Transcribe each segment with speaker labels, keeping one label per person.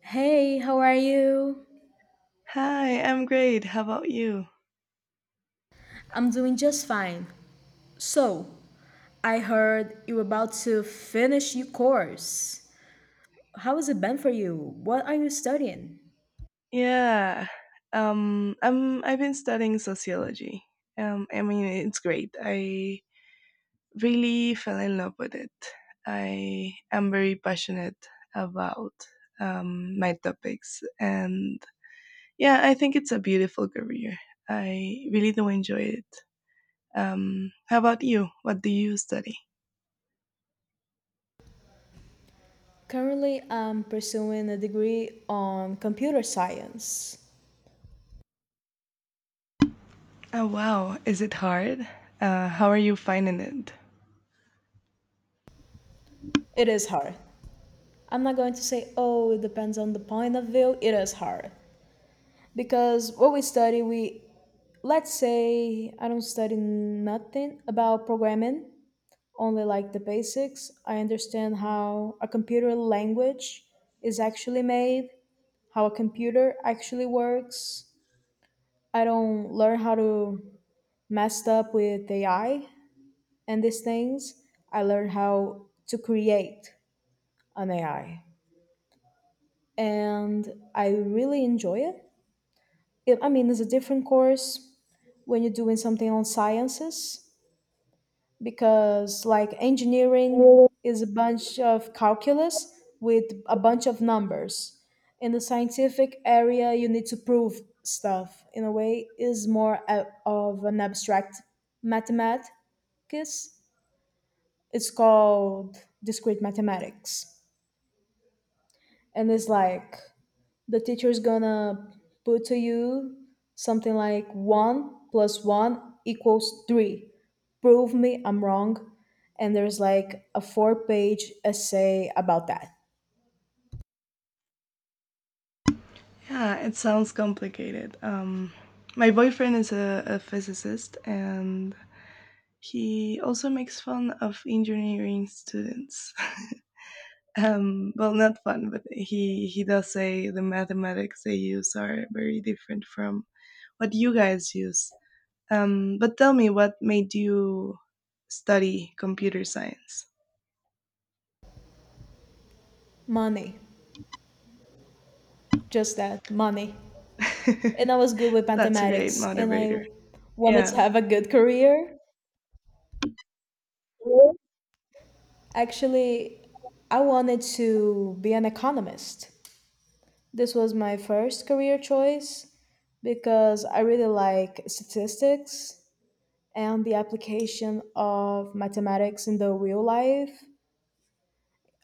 Speaker 1: Hey, how are you?
Speaker 2: Hi, I'm great. How about you?
Speaker 1: I'm doing just fine. So, I heard you're about to finish your course. How has it been for you? What are you studying?
Speaker 2: Yeah. I've been studying sociology. I mean it's great. I really fell in love with it. I am very passionate about my topics and yeah, I think it's a beautiful career. I really do enjoy it. How about you? What do you study?
Speaker 1: Currently, I'm pursuing a degree on computer science.
Speaker 2: Oh wow, is it hard? How are you finding it?
Speaker 1: It is hard. I'm not going to say, oh, it depends on the point of view. It is hard. Because what we study, we let's say I don't study nothing about programming. Only like the basics. I understand how a computer language is actually made, how a computer actually works. I don't learn how to mess up with AI and these things. I learn how to create an AI. And I really enjoy it. I mean, it's a different course when you're doing something on sciences because like engineering is a bunch of calculus with a bunch of numbers. In the scientific area, you need to prove stuff. In a way, is more of an abstract mathematics. It's called discrete mathematics, and it's like the teacher's gonna put to you something like one plus one equals three. Prove me I'm wrong. And there's like a four-page essay about that.
Speaker 2: Yeah, it sounds complicated. My boyfriend is a physicist and he also makes fun of engineering students. Well, not fun, but he does say the mathematics they use are very different from what you guys use. But tell me, what made you study computer science?
Speaker 1: Money. Just that. Money. And I was good with
Speaker 2: That's a great
Speaker 1: mathematics and I
Speaker 2: motivator.
Speaker 1: wanted to
Speaker 2: Yeah.
Speaker 1: have a good career. Actually, I wanted to be an economist. This was my first career choice because I really like statistics and the application of mathematics in the real life,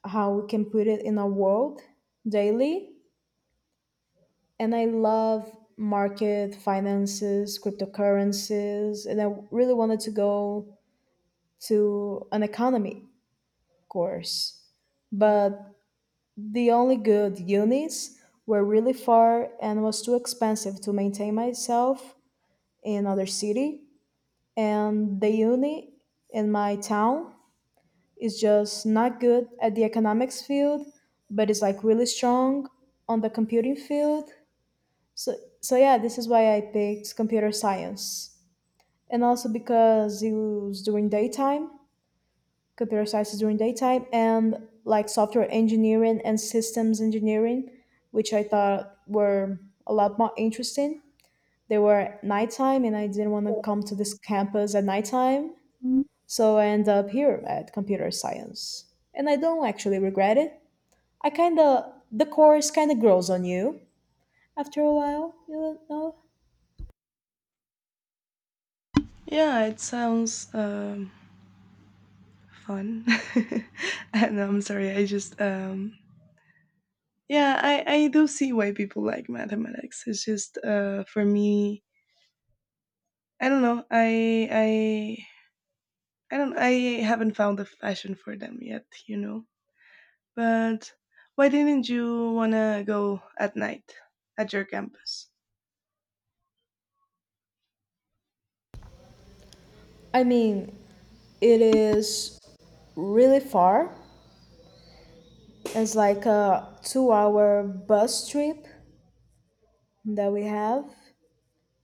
Speaker 1: how we can put it in our world daily. And I love market finances, cryptocurrencies, and I really wanted to go to an economy course. But the only good unis were really far and was too expensive to maintain myself in another city. And the uni in my town is just not good at the economics field, but is like really strong on the computing field. So so yeah, this is why I picked computer science. And also because it was during daytime, computer science is during daytime and like software engineering and systems engineering, which I thought were a lot more interesting. They were nighttime and I didn't want to come to this campus at nighttime. So I end up here at computer science. And I don't actually regret it. I kind of the course kind of grows on you after a while, you know.
Speaker 2: Yeah, it sounds. Fun. And I'm sorry, I just yeah, I do see why people like mathematics. It's just for me, I don't know. I haven't found a fashion for them yet, you know. But why didn't you want to go at night at your campus?
Speaker 1: I mean, it is really far. It's like a two-hour bus trip that we have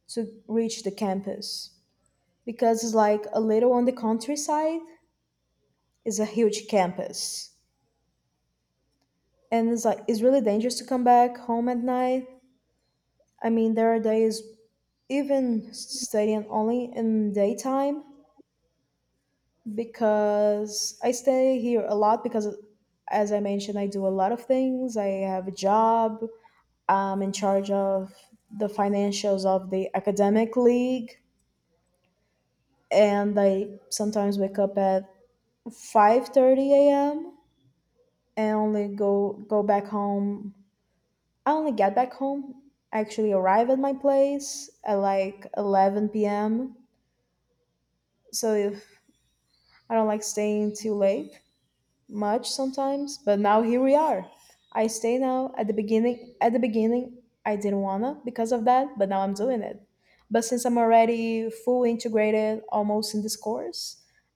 Speaker 1: to reach the campus because it's like a little on the countryside. It's a huge campus, and it's like it's really dangerous to come back home at night. I mean, there are days even studying only in daytime because I stay here a lot because, as I mentioned, I do a lot of things. I have a job. I'm in charge of the financials of the academic league, and I sometimes wake up at 5:30 a.m. and only go back home. I only get back home. Actually, arrive at my place at like 11 p.m. So if I don't like staying too late. Much sometimes, but now here we are. I stay now at the beginning I didn't wanna because of that, but now I'm doing it. But since I'm already full integrated almost in this course,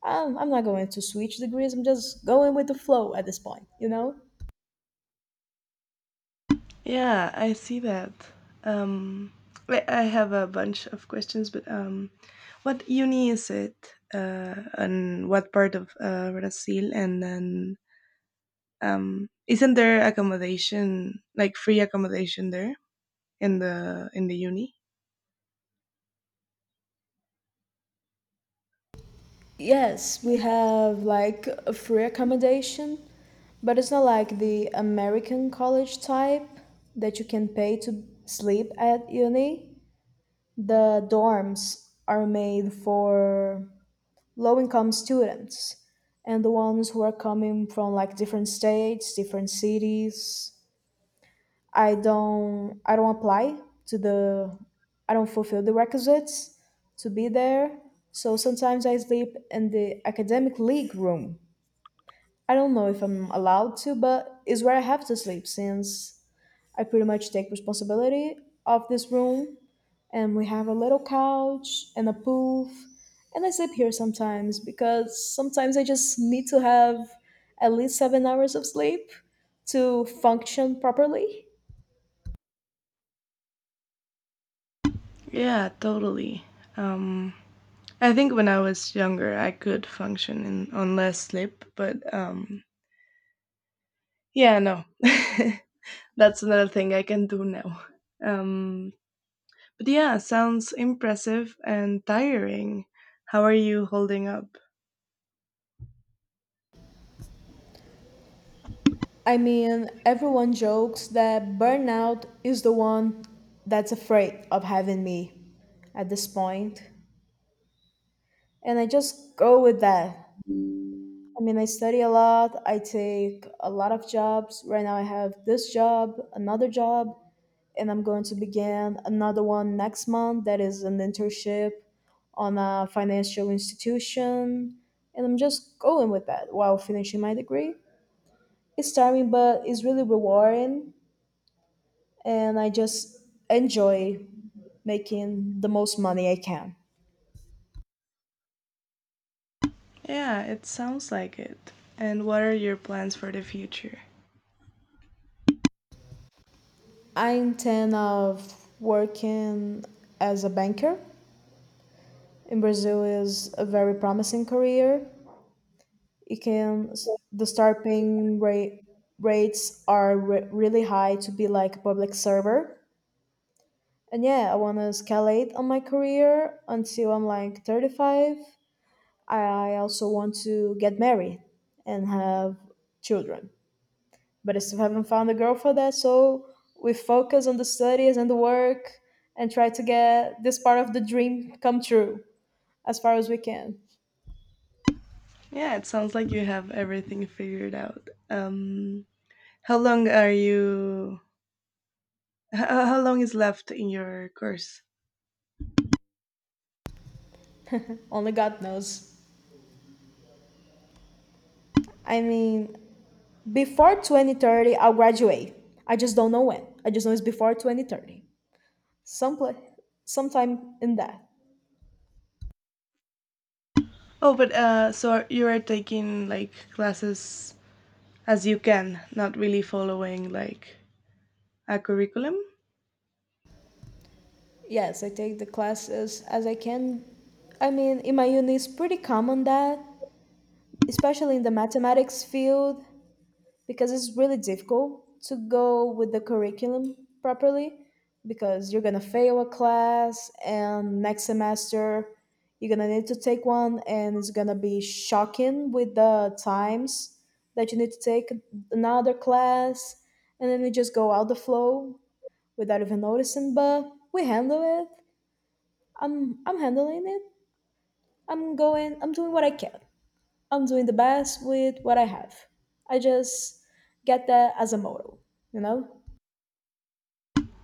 Speaker 1: I'm not going to switch degrees. I'm just going with the flow at this point, you know?
Speaker 2: Yeah, I see that. Um, I have a bunch of questions, but what uni is it, and what part of Brazil? And then, isn't there accommodation, like free accommodation there in the uni?
Speaker 1: Yes, we have like a free accommodation, but it's not like the American college type that you can pay to sleep at uni. The dorms are made for low-income students and the ones who are coming from like different states, different cities. I don't apply to the I don't fulfill the requisites to be there. So sometimes I sleep in the academic league room. I don't know if I'm allowed to, but it's where I have to sleep since I pretty much take responsibility of this room. And we have a little couch and a poof. And I sleep here sometimes because sometimes I just need to have at least 7 hours of sleep to function properly.
Speaker 2: Yeah, totally. Um, I think when I was younger, I could function on less sleep, but yeah, no, that's another thing I can do now. Um, But yeah, sounds impressive and tiring. How are you holding up?
Speaker 1: I mean, everyone jokes that burnout is the one that's afraid of having me at this point, and I just go with that. I mean, I study a lot. I take a lot of jobs. Right now, I have this job, another job, and I'm going to begin another one next month that is an internship on a financial institution. And I'm just going with that while finishing my degree. It's tiring, but it's really rewarding. And I just enjoy making the most money I can.
Speaker 2: Yeah, it sounds like it. And what are your plans for the future?
Speaker 1: I intend of working as a banker in Brazil is a very promising career. It can the start paying rate rates are really high to be like a public server. And yeah, I want to escalate on my career until I'm like 35. I also want to get married and have children. But I still haven't found a girl for that, so we focus on the studies and the work and try to get this part of the dream come true as far as we can.
Speaker 2: Yeah, it sounds like you have everything figured out. How long are you? How long is left in your course?
Speaker 1: Only God knows. I mean, before 2030, I'll graduate. I just don't know when. I just know it's before 2030. Some pla- Sometime in that.
Speaker 2: Oh, but so you are taking like classes as you can, not really following like a curriculum.
Speaker 1: Yes, I take the classes as I can. I mean, in my uni, it's pretty common that, especially in the mathematics field, because it's really difficult to go with the curriculum properly because you're gonna fail a class and next semester you're gonna need to take one and it's gonna be shocking with the times that you need to take another class and then you just go out the flow without even noticing but we handle it. I'm handling it. I'm doing what I can. I'm doing the best with what I have. I just get that as a motto, you know?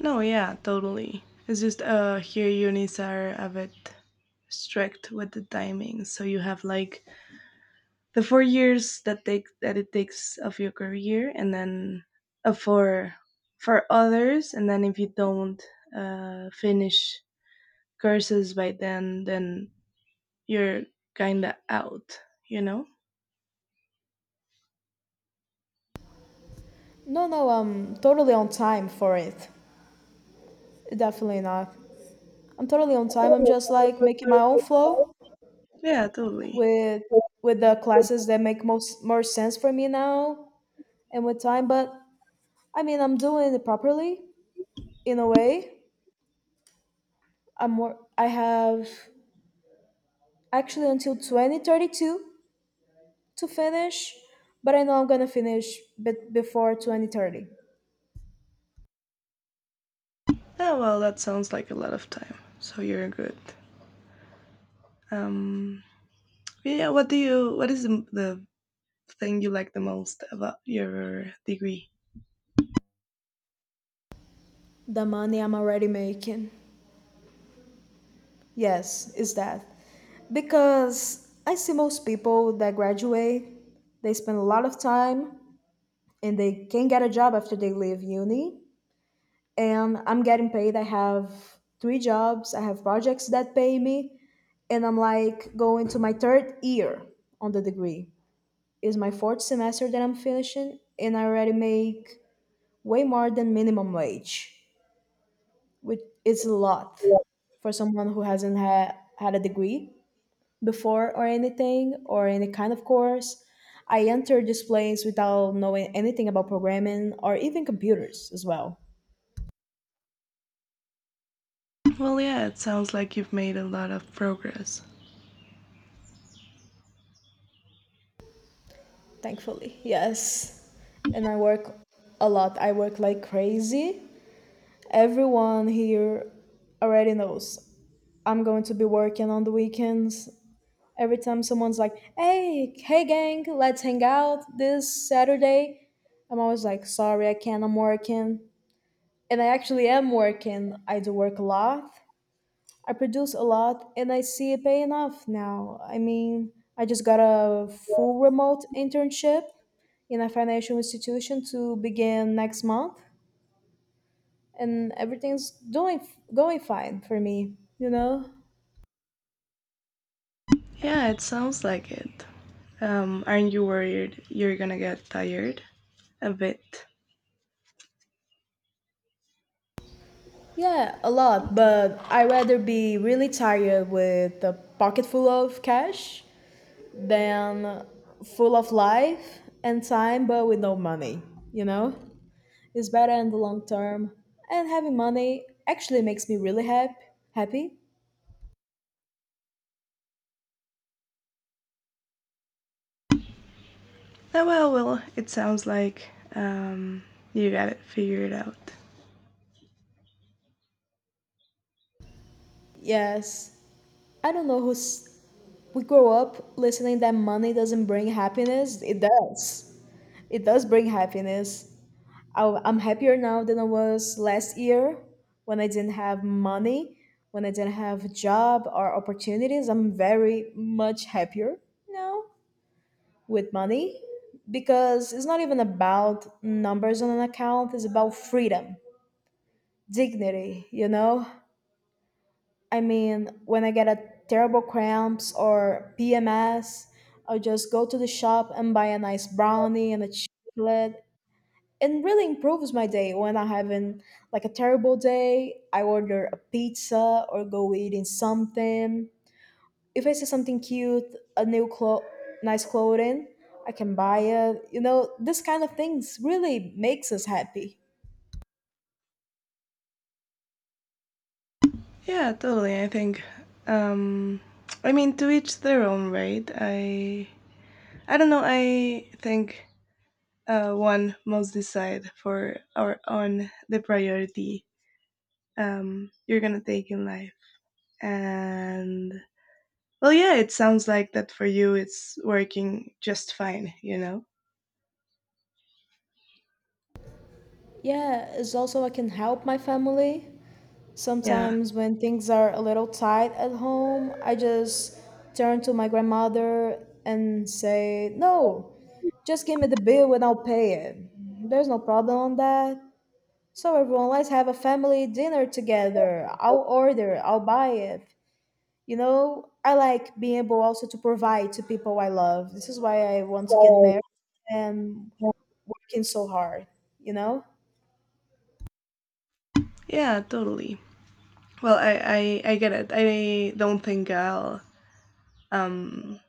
Speaker 2: No, yeah, totally. It's just here unis are a bit strict with the timing. So you have like the 4 years that take that it takes of your career, and then for others, and then if you don't finish courses by then you're kinda out, you know?
Speaker 1: No, no, I'm totally on time for it. Definitely not. I'm totally on time. I'm just like making my own flow
Speaker 2: Yeah, totally.
Speaker 1: with the classes that make most more sense for me now and with time, but I mean, I'm doing it properly in a way. I have actually until 2032 to finish, but I know I'm going to finish bit before 2030.
Speaker 2: Oh, well, that sounds like a lot of time. So you're good. Um yeah, what do you what is the thing you like the most about your degree?
Speaker 1: The money I'm already making. Yes, is that. Because I see most people that graduate, they spend a lot of time and they can't get a job after they leave uni. And I'm getting paid. I have three jobs, I have projects that pay me, and I'm like going to my third year on the degree. It's my fourth semester that I'm finishing, and I already make way more than minimum wage. Which is a lot for someone who hasn't had a degree before or anything or any kind of course. I entered this place without knowing anything about programming or even computers as well.
Speaker 2: Well, yeah, it sounds like you've made a lot of progress.
Speaker 1: Thankfully, yes. And I work a lot. I work like crazy. Everyone here already knows I'm going to be working on the weekends. Every time someone's like, Hey, gang, let's hang out this Saturday," I'm always like, "Sorry, I can't. I'm working." And I actually am working. I do work a lot. I produce a lot, and I see it paying off now. I mean, I just got a full remote internship in a financial institution to begin next month, and everything's doing going fine for me. You know.
Speaker 2: Yeah, it sounds like it. Aren't you worried you're gonna get tired? A bit.
Speaker 1: Yeah, a lot, but I'd rather be really tired with a pocket full of cash than full of life and time but with no money, you know? It's better in the long term. And having money actually makes me really happy. Happy?
Speaker 2: Oh, well, well, it sounds like, um, you got it figured out.
Speaker 1: Yes. I don't know who's we grow up listening that money doesn't bring happiness. It does. It does bring happiness. I'm happier now than I was last year when I didn't have money, when I didn't have a job or opportunities. I'm very much happier now with money because it's not even about numbers on an account, it's about freedom, dignity, you know? I mean, when I get a terrible cramps or PMS, I'll just go to the shop and buy a nice brownie and a chocolate and really improves my day. When I having like a terrible day I order a pizza or go eating something. If I see something cute a nice clothing I can buy it you know this kind of things really makes us happy.
Speaker 2: Yeah, totally, I think. Um, I mean, to each their own, right? I don't know. I think one must decide for our own the priority you're gonna take in life. And well, yeah, it sounds like that for you. It's working just fine. You know.
Speaker 1: Yeah it's also I can help my family
Speaker 2: Yeah.
Speaker 1: sometimes when things are a little tight at home I just turn to my grandmother and say no. Just give me the bill and I'll pay it. There's no problem on that. So everyone, let's have a family dinner together. I'll order, I'll buy it. You know, I like being able also to provide to people I love. This is why I want to get
Speaker 2: Right.
Speaker 1: married and working so hard, you know?
Speaker 2: Yeah. Totally. Well, I get it. I don't think um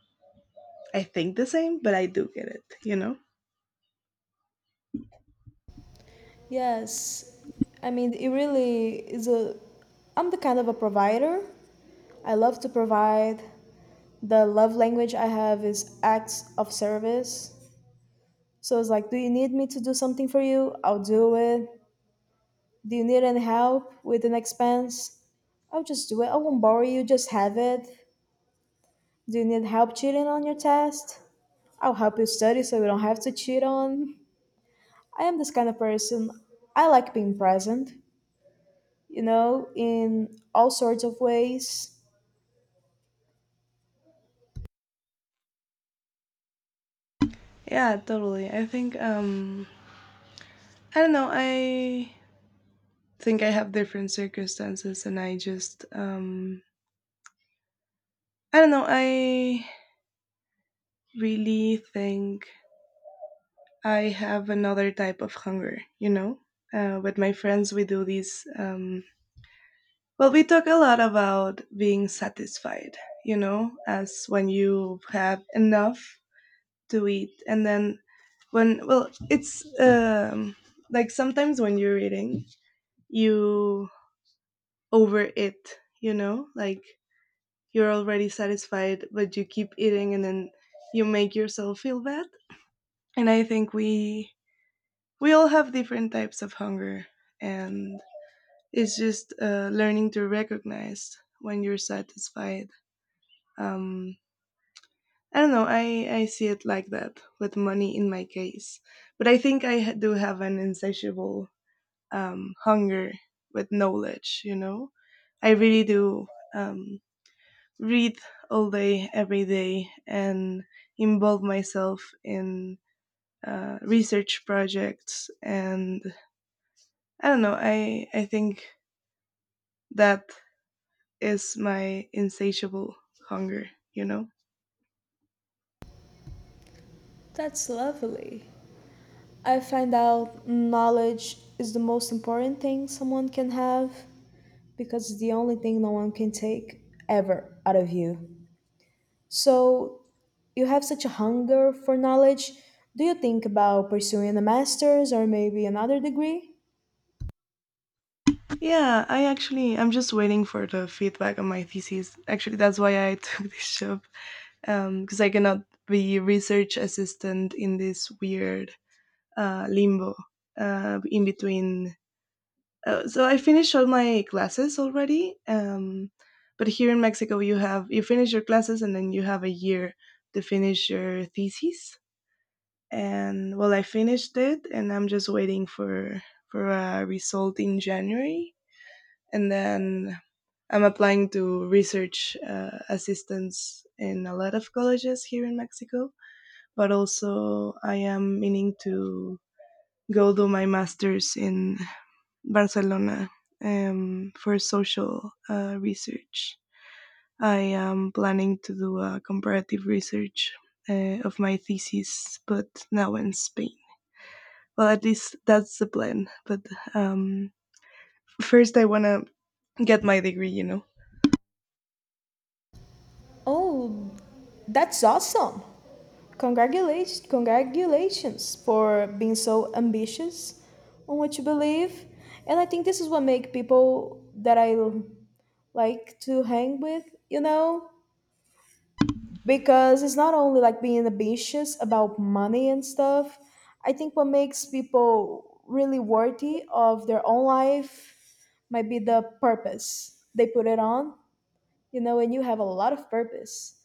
Speaker 2: I think the same, but I do get it. You know.
Speaker 1: Yes. I mean, it really is a. I'm the kind of a provider. I love to provide. The love language I have is acts of service. So I was like, do you need me to do something for you? I'll do it. Do you need any help with an expense? I'll just do it. I won't borrow you, just have it. Do you need help cheating on your test? I'll help you study so you don't have to cheat on. I am this kind of person. I like being present, you know, in all sorts of ways.
Speaker 2: Yeah. Totally. I think, I don't know. I think I have different circumstances, and I just, I don't know. I really think I have another type of hunger, you know? With my friends, we do these. Well, we talk a lot about being satisfied, as when you have enough to eat. And then when, well, it's, like sometimes when you're eating, you overeat, you know? Like, you're already satisfied, but you keep eating and then you make yourself feel bad. And I think we all have different types of hunger, and it's just learning to recognize when you're satisfied. um, I don't know, I see it like that with money in my case, but I think do have an insatiable, hunger with knowledge, you know. I really do, um, read all day every day and involve myself in research projects. And I don't know, I think that is my insatiable hunger, you know.
Speaker 1: That's lovely. I find out knowledge is the most important thing someone can have because it's the only thing no one can take ever out of you. So you have such a hunger for knowledge. Do you think about pursuing a master's or maybe another degree?
Speaker 2: Yeah, I'm just waiting for the feedback on my thesis, actually. That's why I took this job, because I cannot be research assistant in this weird, limbo, in between. So I finished all my classes already. But here in Mexico you finish your classes and then you have a year to finish your thesis. And well, I finished it, and I'm just waiting for a result in January, and then I'm applying to research, assistance in a lot of colleges here in Mexico. But also, I am meaning to go do my master's in Barcelona, for social, research. I am planning to do a comparative research, of my thesis but now in Spain. Well, at least that's the plan. But um, first, I wanna get my degree. You know.
Speaker 1: Oh, that's awesome! Congratulations, congratulations for being so ambitious on what you believe. And I think this is what make people that I like to hang with, you know, because it's not only like being ambitious about money and stuff. I think what makes people really worthy of their own life might be the purpose they put it on, you know, and you have a lot of purpose.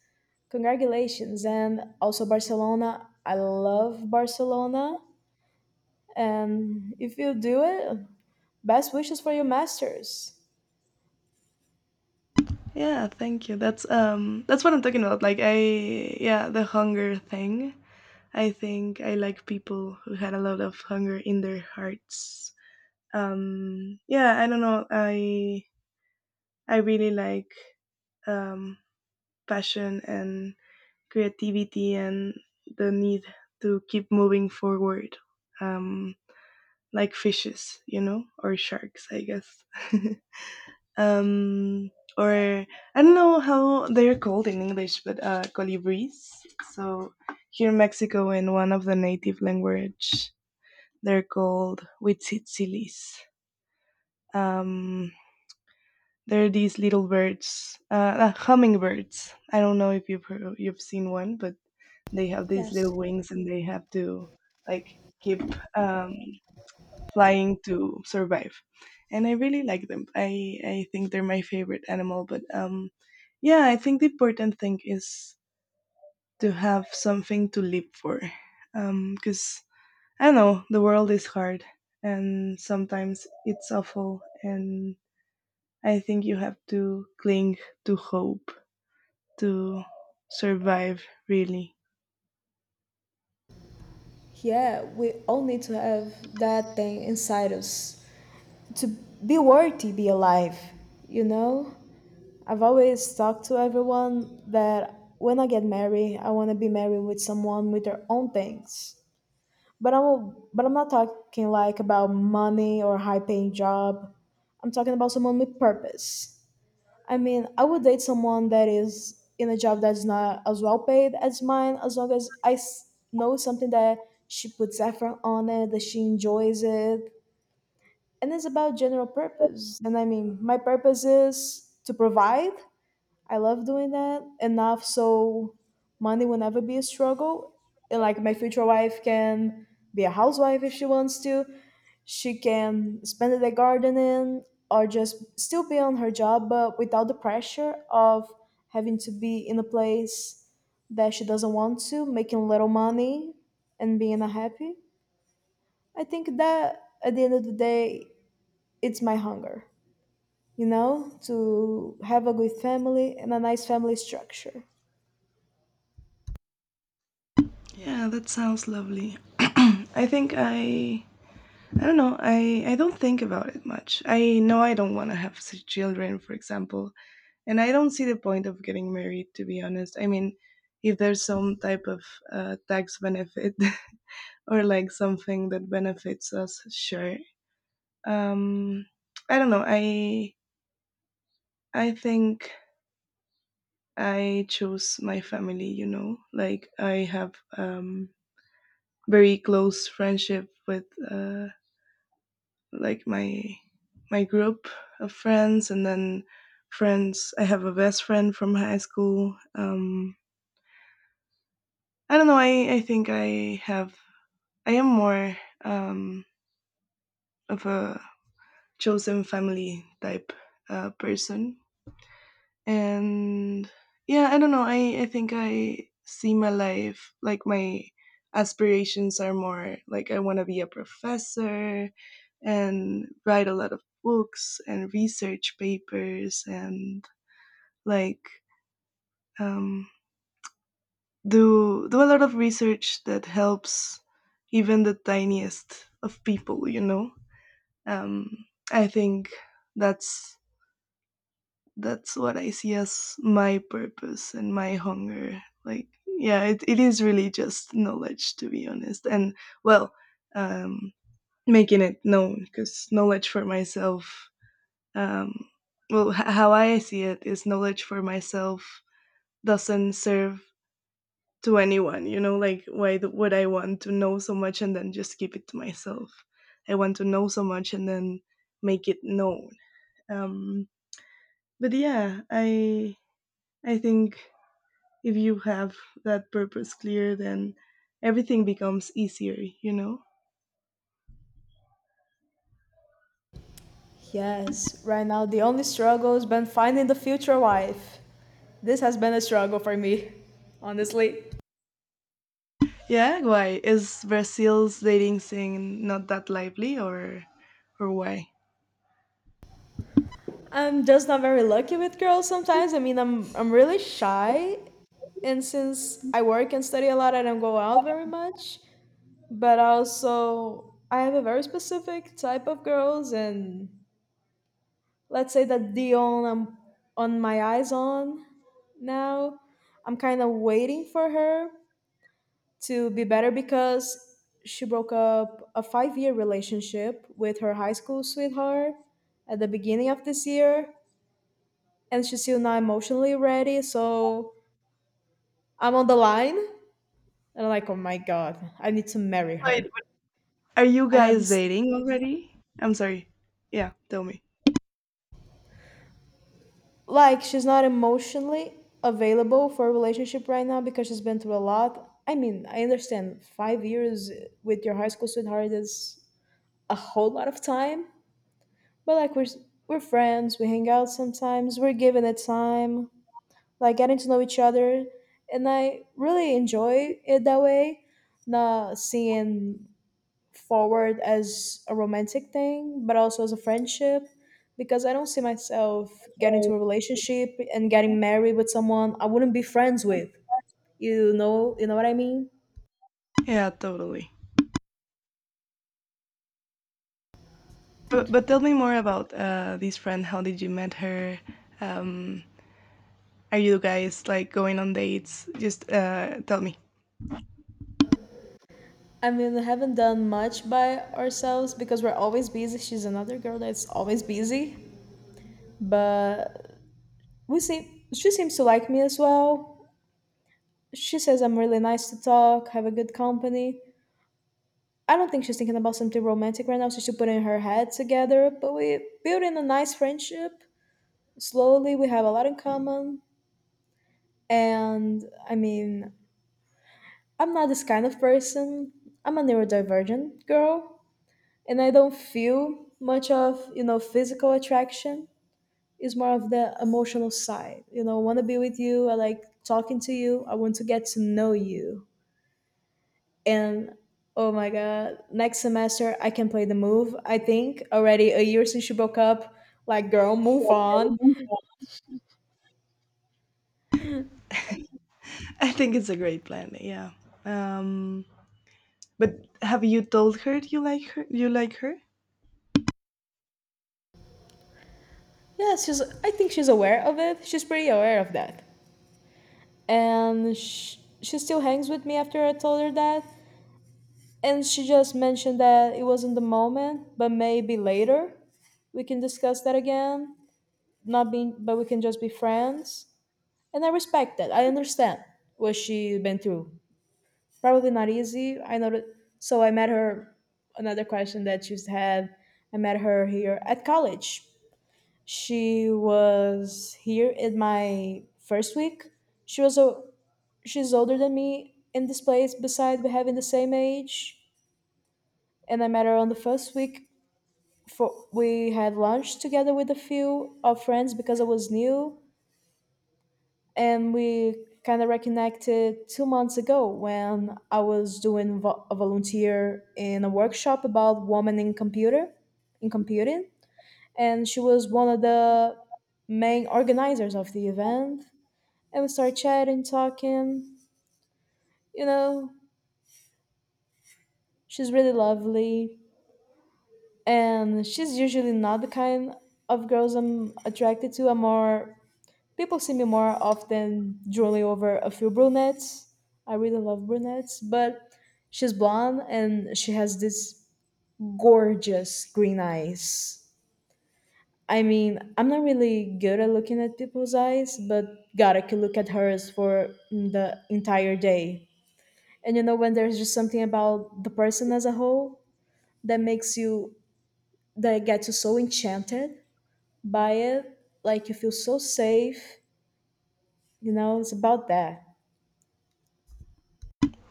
Speaker 1: Congratulations. And also, Barcelona. I love Barcelona. And if you do it, best wishes for your masters.
Speaker 2: Yeah, thank you. That's what I'm talking about. Like, yeah, the hunger thing. I think I like people who had a lot of hunger in their hearts. Yeah, I don't know. I really like, um, passion and creativity and the need to keep moving forward. Um, like fishes, you know, or sharks, I guess. um, or I don't know how they're called in English, but colibris. So here in Mexico, in one of the native language, they're called huitzilis. Um, they're these little birds, hummingbirds. I don't know if you've heard, you've seen one, but they have these
Speaker 1: Yes.
Speaker 2: little wings and they have to, like, keep, um, flying to survive, and I really like them. I think they're my favorite animal, but yeah, I think the important thing is to have something to live for, because I don't know, the world is hard and sometimes it's awful, and I think you have to cling to hope to survive, really.
Speaker 1: Yeah, we all need to have that thing inside us to be worthy, be alive, you know? I've always talked to everyone that when I get married, I want to be married with someone with their own things. But I'm not talking like about money or high paying job. I'm talking about someone with purpose. I mean, I would date someone that is in a job that's not as well paid as mine, as long as know something that she puts effort on it, that she enjoys it, and it's about general purpose. And I mean, my purpose is to provide. I love doing that enough, so money will never be a struggle, and like my future wife can be a housewife if she wants to. She can spend it at gardening or just still be on her job but without the pressure of having to be in a place that she doesn't want to, making little money and being unhappy. I think that at the end of the day, it's my hunger, you know, to have a good family and a nice family structure.
Speaker 2: Yeah, that sounds lovely. i think i I don't know. I don't think about it much. I know I don't want to have children, for example, and I don't see the point of getting married, to be honest. I mean, if there's some type of, tax benefit or like something that benefits us, sure. Um, I don't know. I think I chose my family. You know, like I have, very close friendship with. Uh, like my group of friends, and then friends. I have a best friend from high school. I don't know, I think I am more, um of a chosen family type, person. And yeah, I don't know, I think I see my life. Like, my aspirations are more like, I want to be a professor and write a lot of books and research papers and, like, um do a lot of research that helps even the tiniest of people, you know. um I think that's that's what I see as my purpose and my hunger. Like, yeah, it is really just knowledge, to be honest. And, well, um, making it known, because knowledge for myself, um, well, how I see it is knowledge for myself doesn't serve to anyone, you know? Like, would I want to know so much and then just keep it to myself? I want to know so much and then make it known. Um, but yeah, I think if you have that purpose clear, then everything becomes easier, you know?
Speaker 1: Yes, right now the only struggle has been finding the future wife. This has been a struggle for me, honestly.
Speaker 2: Yeah, why? Is Brazil's dating scene not that lively, or why?
Speaker 1: I'm just not very lucky with girls sometimes. I mean, I'm really shy, and since I work and study a lot, I don't go out very much. But also, I have a very specific type of girls, and let's say that the only I'm on my eyes on now. I'm kind of waiting for her to be better because she broke up a 5 year relationship with her high school sweetheart at the beginning of this year, and she's still not emotionally ready. So I'm on the line, and I'm like, oh my god, I need to marry
Speaker 2: Wait,
Speaker 1: her.
Speaker 2: are you
Speaker 1: I have
Speaker 2: guys
Speaker 1: this,
Speaker 2: dating already? I'm sorry. Yeah, tell me.
Speaker 1: like, she's not emotionally available for a relationship right now because she's been through a lot. I mean, I understand 5 years with your high school sweetheart is a whole lot of time, but like we're friends, we hang out sometimes, we're giving it time, like getting to know each other, and I really enjoy it that way. Not seeing forward as a romantic thing, but also as a friendship, because I don't see myself getting into a relationship and getting married with someone I wouldn't be friends with. You know what I mean?
Speaker 2: Yeah, totally. But tell me more about, this friend. How did you met her? Um, are you guys, like, going on dates? Just, tell me.
Speaker 1: I mean, we haven't done much by ourselves because we're always busy. She's another girl that's always busy, but we see she seems to like me as well. She says I'm really nice to talk, have a good company. I don't think she's thinking about something romantic right now. So she's still putting her head together, but we building a nice friendship slowly. We have a lot in common. And I mean, I'm not this kind of person. I'm a neurodivergent girl, and I don't feel much of you know physical attraction. It's more of the emotional side. You know, I want to be with you. I like talking to you. I want to get to know you. And oh my god, next semester I can play the move. I think already a year since she broke up. Like, girl, move on.
Speaker 2: I think it's a great plan. Yeah. Um, But have you told her you like her? You like her?
Speaker 1: Yeah, she's, I think she's aware of it. She's pretty aware of that. And she still hangs with me after I told her that, and she just mentioned that it wasn't the moment, but maybe later we can discuss that again. Not being, but we can just be friends. And I respect that. I understand what she's been through. Probably not easy. I know that. So I met her. Another question that she used to have. I met her here at college. She was here in my first week. She was a, she's older than me in this place. Besides, we having the same age, and I met her on the first week. For we had lunch together with a few of friends because I was new, and we kind of reconnected 2 months ago when I was doing a volunteer in a workshop about women in computer, in computing, and she was one of the main organizers of the event. And we started chatting, talking. You know, she's really lovely, and she's usually not the kind of girls I'm attracted to. I'm more. People see me more often drooling over a few brunettes. I really love brunettes, but she's blonde and she has this gorgeous green eyes. I mean, I'm not really good at looking at people's eyes, but God, I could look at hers for the entire day. And you know, when there's just something about the person as a whole that makes you, that gets you so enchanted by it, like you feel so safe, you know, it's about that.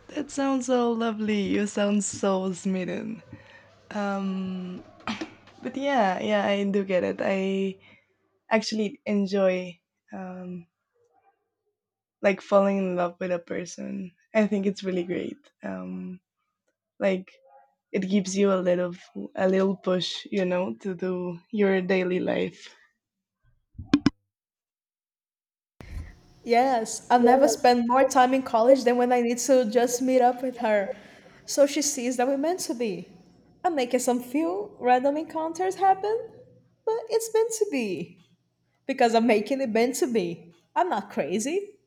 Speaker 2: That sounds so lovely. You sound so smitten. Um, but yeah, yeah, I do get it. I actually enjoy, um, like falling in love with a person. I think it's really great. Um, like it gives you a little push, you know, to do your daily life.
Speaker 1: Yes, I've never spent more time in college than when I need to just meet up with her. So she sees that we're meant to be. I'm making some few random encounters happen, but it's meant to be. Because I'm making it meant to be. I'm not crazy.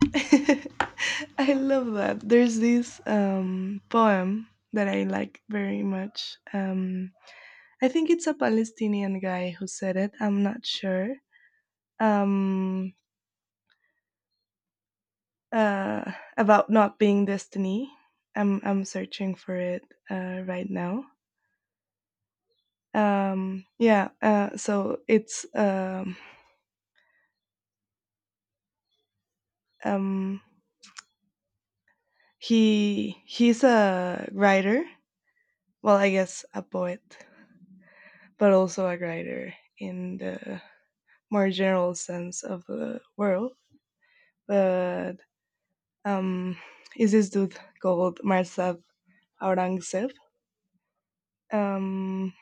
Speaker 2: I love that. There's this, poem that I like very much. I think it's a Palestinian guy who said it. I'm not sure, um, uh, about not being destiny. I'm searching for it, right now. Yeah, so it's um, he's a writer. Well, I guess a poet, but also a writer in the more general sense of the world. But, um, is this dude called Marzab Aurangzeb? um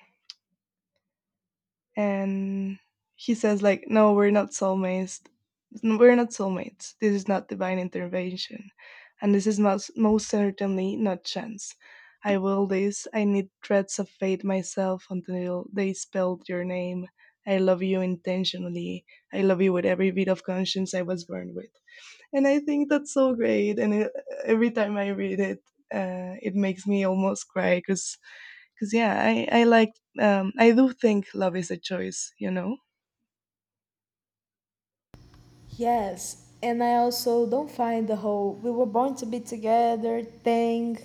Speaker 2: and he says, like, "No, we're not soulmates. We're not soulmates. This is not divine intervention, and this is most, most certainly not chance. I will this. I need threads of fate myself until they spelled your name. I love you intentionally. I love you with every bit of conscience I was born with." And I think that's so great. And, it, every time I read it, it makes me almost cry because, yeah, I like, I do think love is a choice, you know.
Speaker 1: Yes, and I also don't find the whole we were born to be together thing,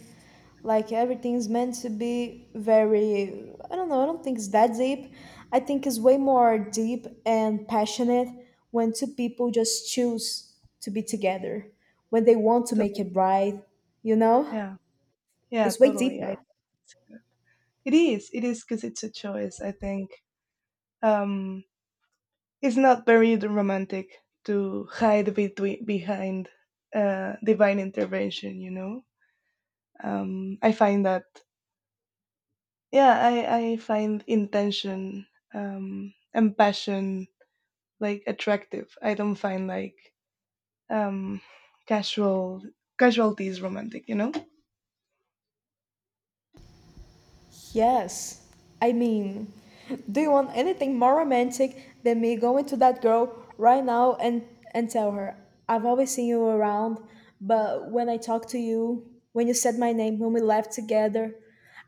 Speaker 1: like everything's meant to be, very, I don't know, I don't think it's that deep. I think it's way more deep and passionate when two people just choose to be together, when they want to
Speaker 2: To-
Speaker 1: make it right, you know?
Speaker 2: yeah, yeah,
Speaker 1: It's way
Speaker 2: totally. I
Speaker 1: deeper.
Speaker 2: It is, because it's a choice, I think. um it's not very romantic to hide between behind, divine intervention, you know. I find that, yeah, I find intention, and passion, like, attractive. I don't find, like, um casual casualties romantic, you know.
Speaker 1: Yes. I mean, do you want anything more romantic than me going to that girl right now and tell her, I've always seen you around, but when I talked to you, when you said my name, when we left together,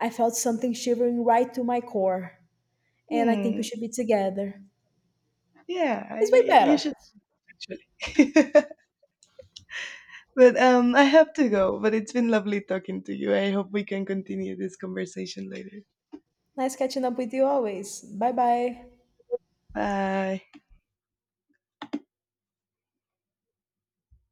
Speaker 1: I felt something shivering right to my core, and I think we
Speaker 2: Hmm.
Speaker 1: should be together.
Speaker 2: Yeah,
Speaker 1: It's way
Speaker 2: you
Speaker 1: better.
Speaker 2: should, actually. But I have to go, but it's been lovely talking to you. I hope we can continue this conversation later.
Speaker 1: Nice catching up with you always. Bye bye.
Speaker 2: Bye.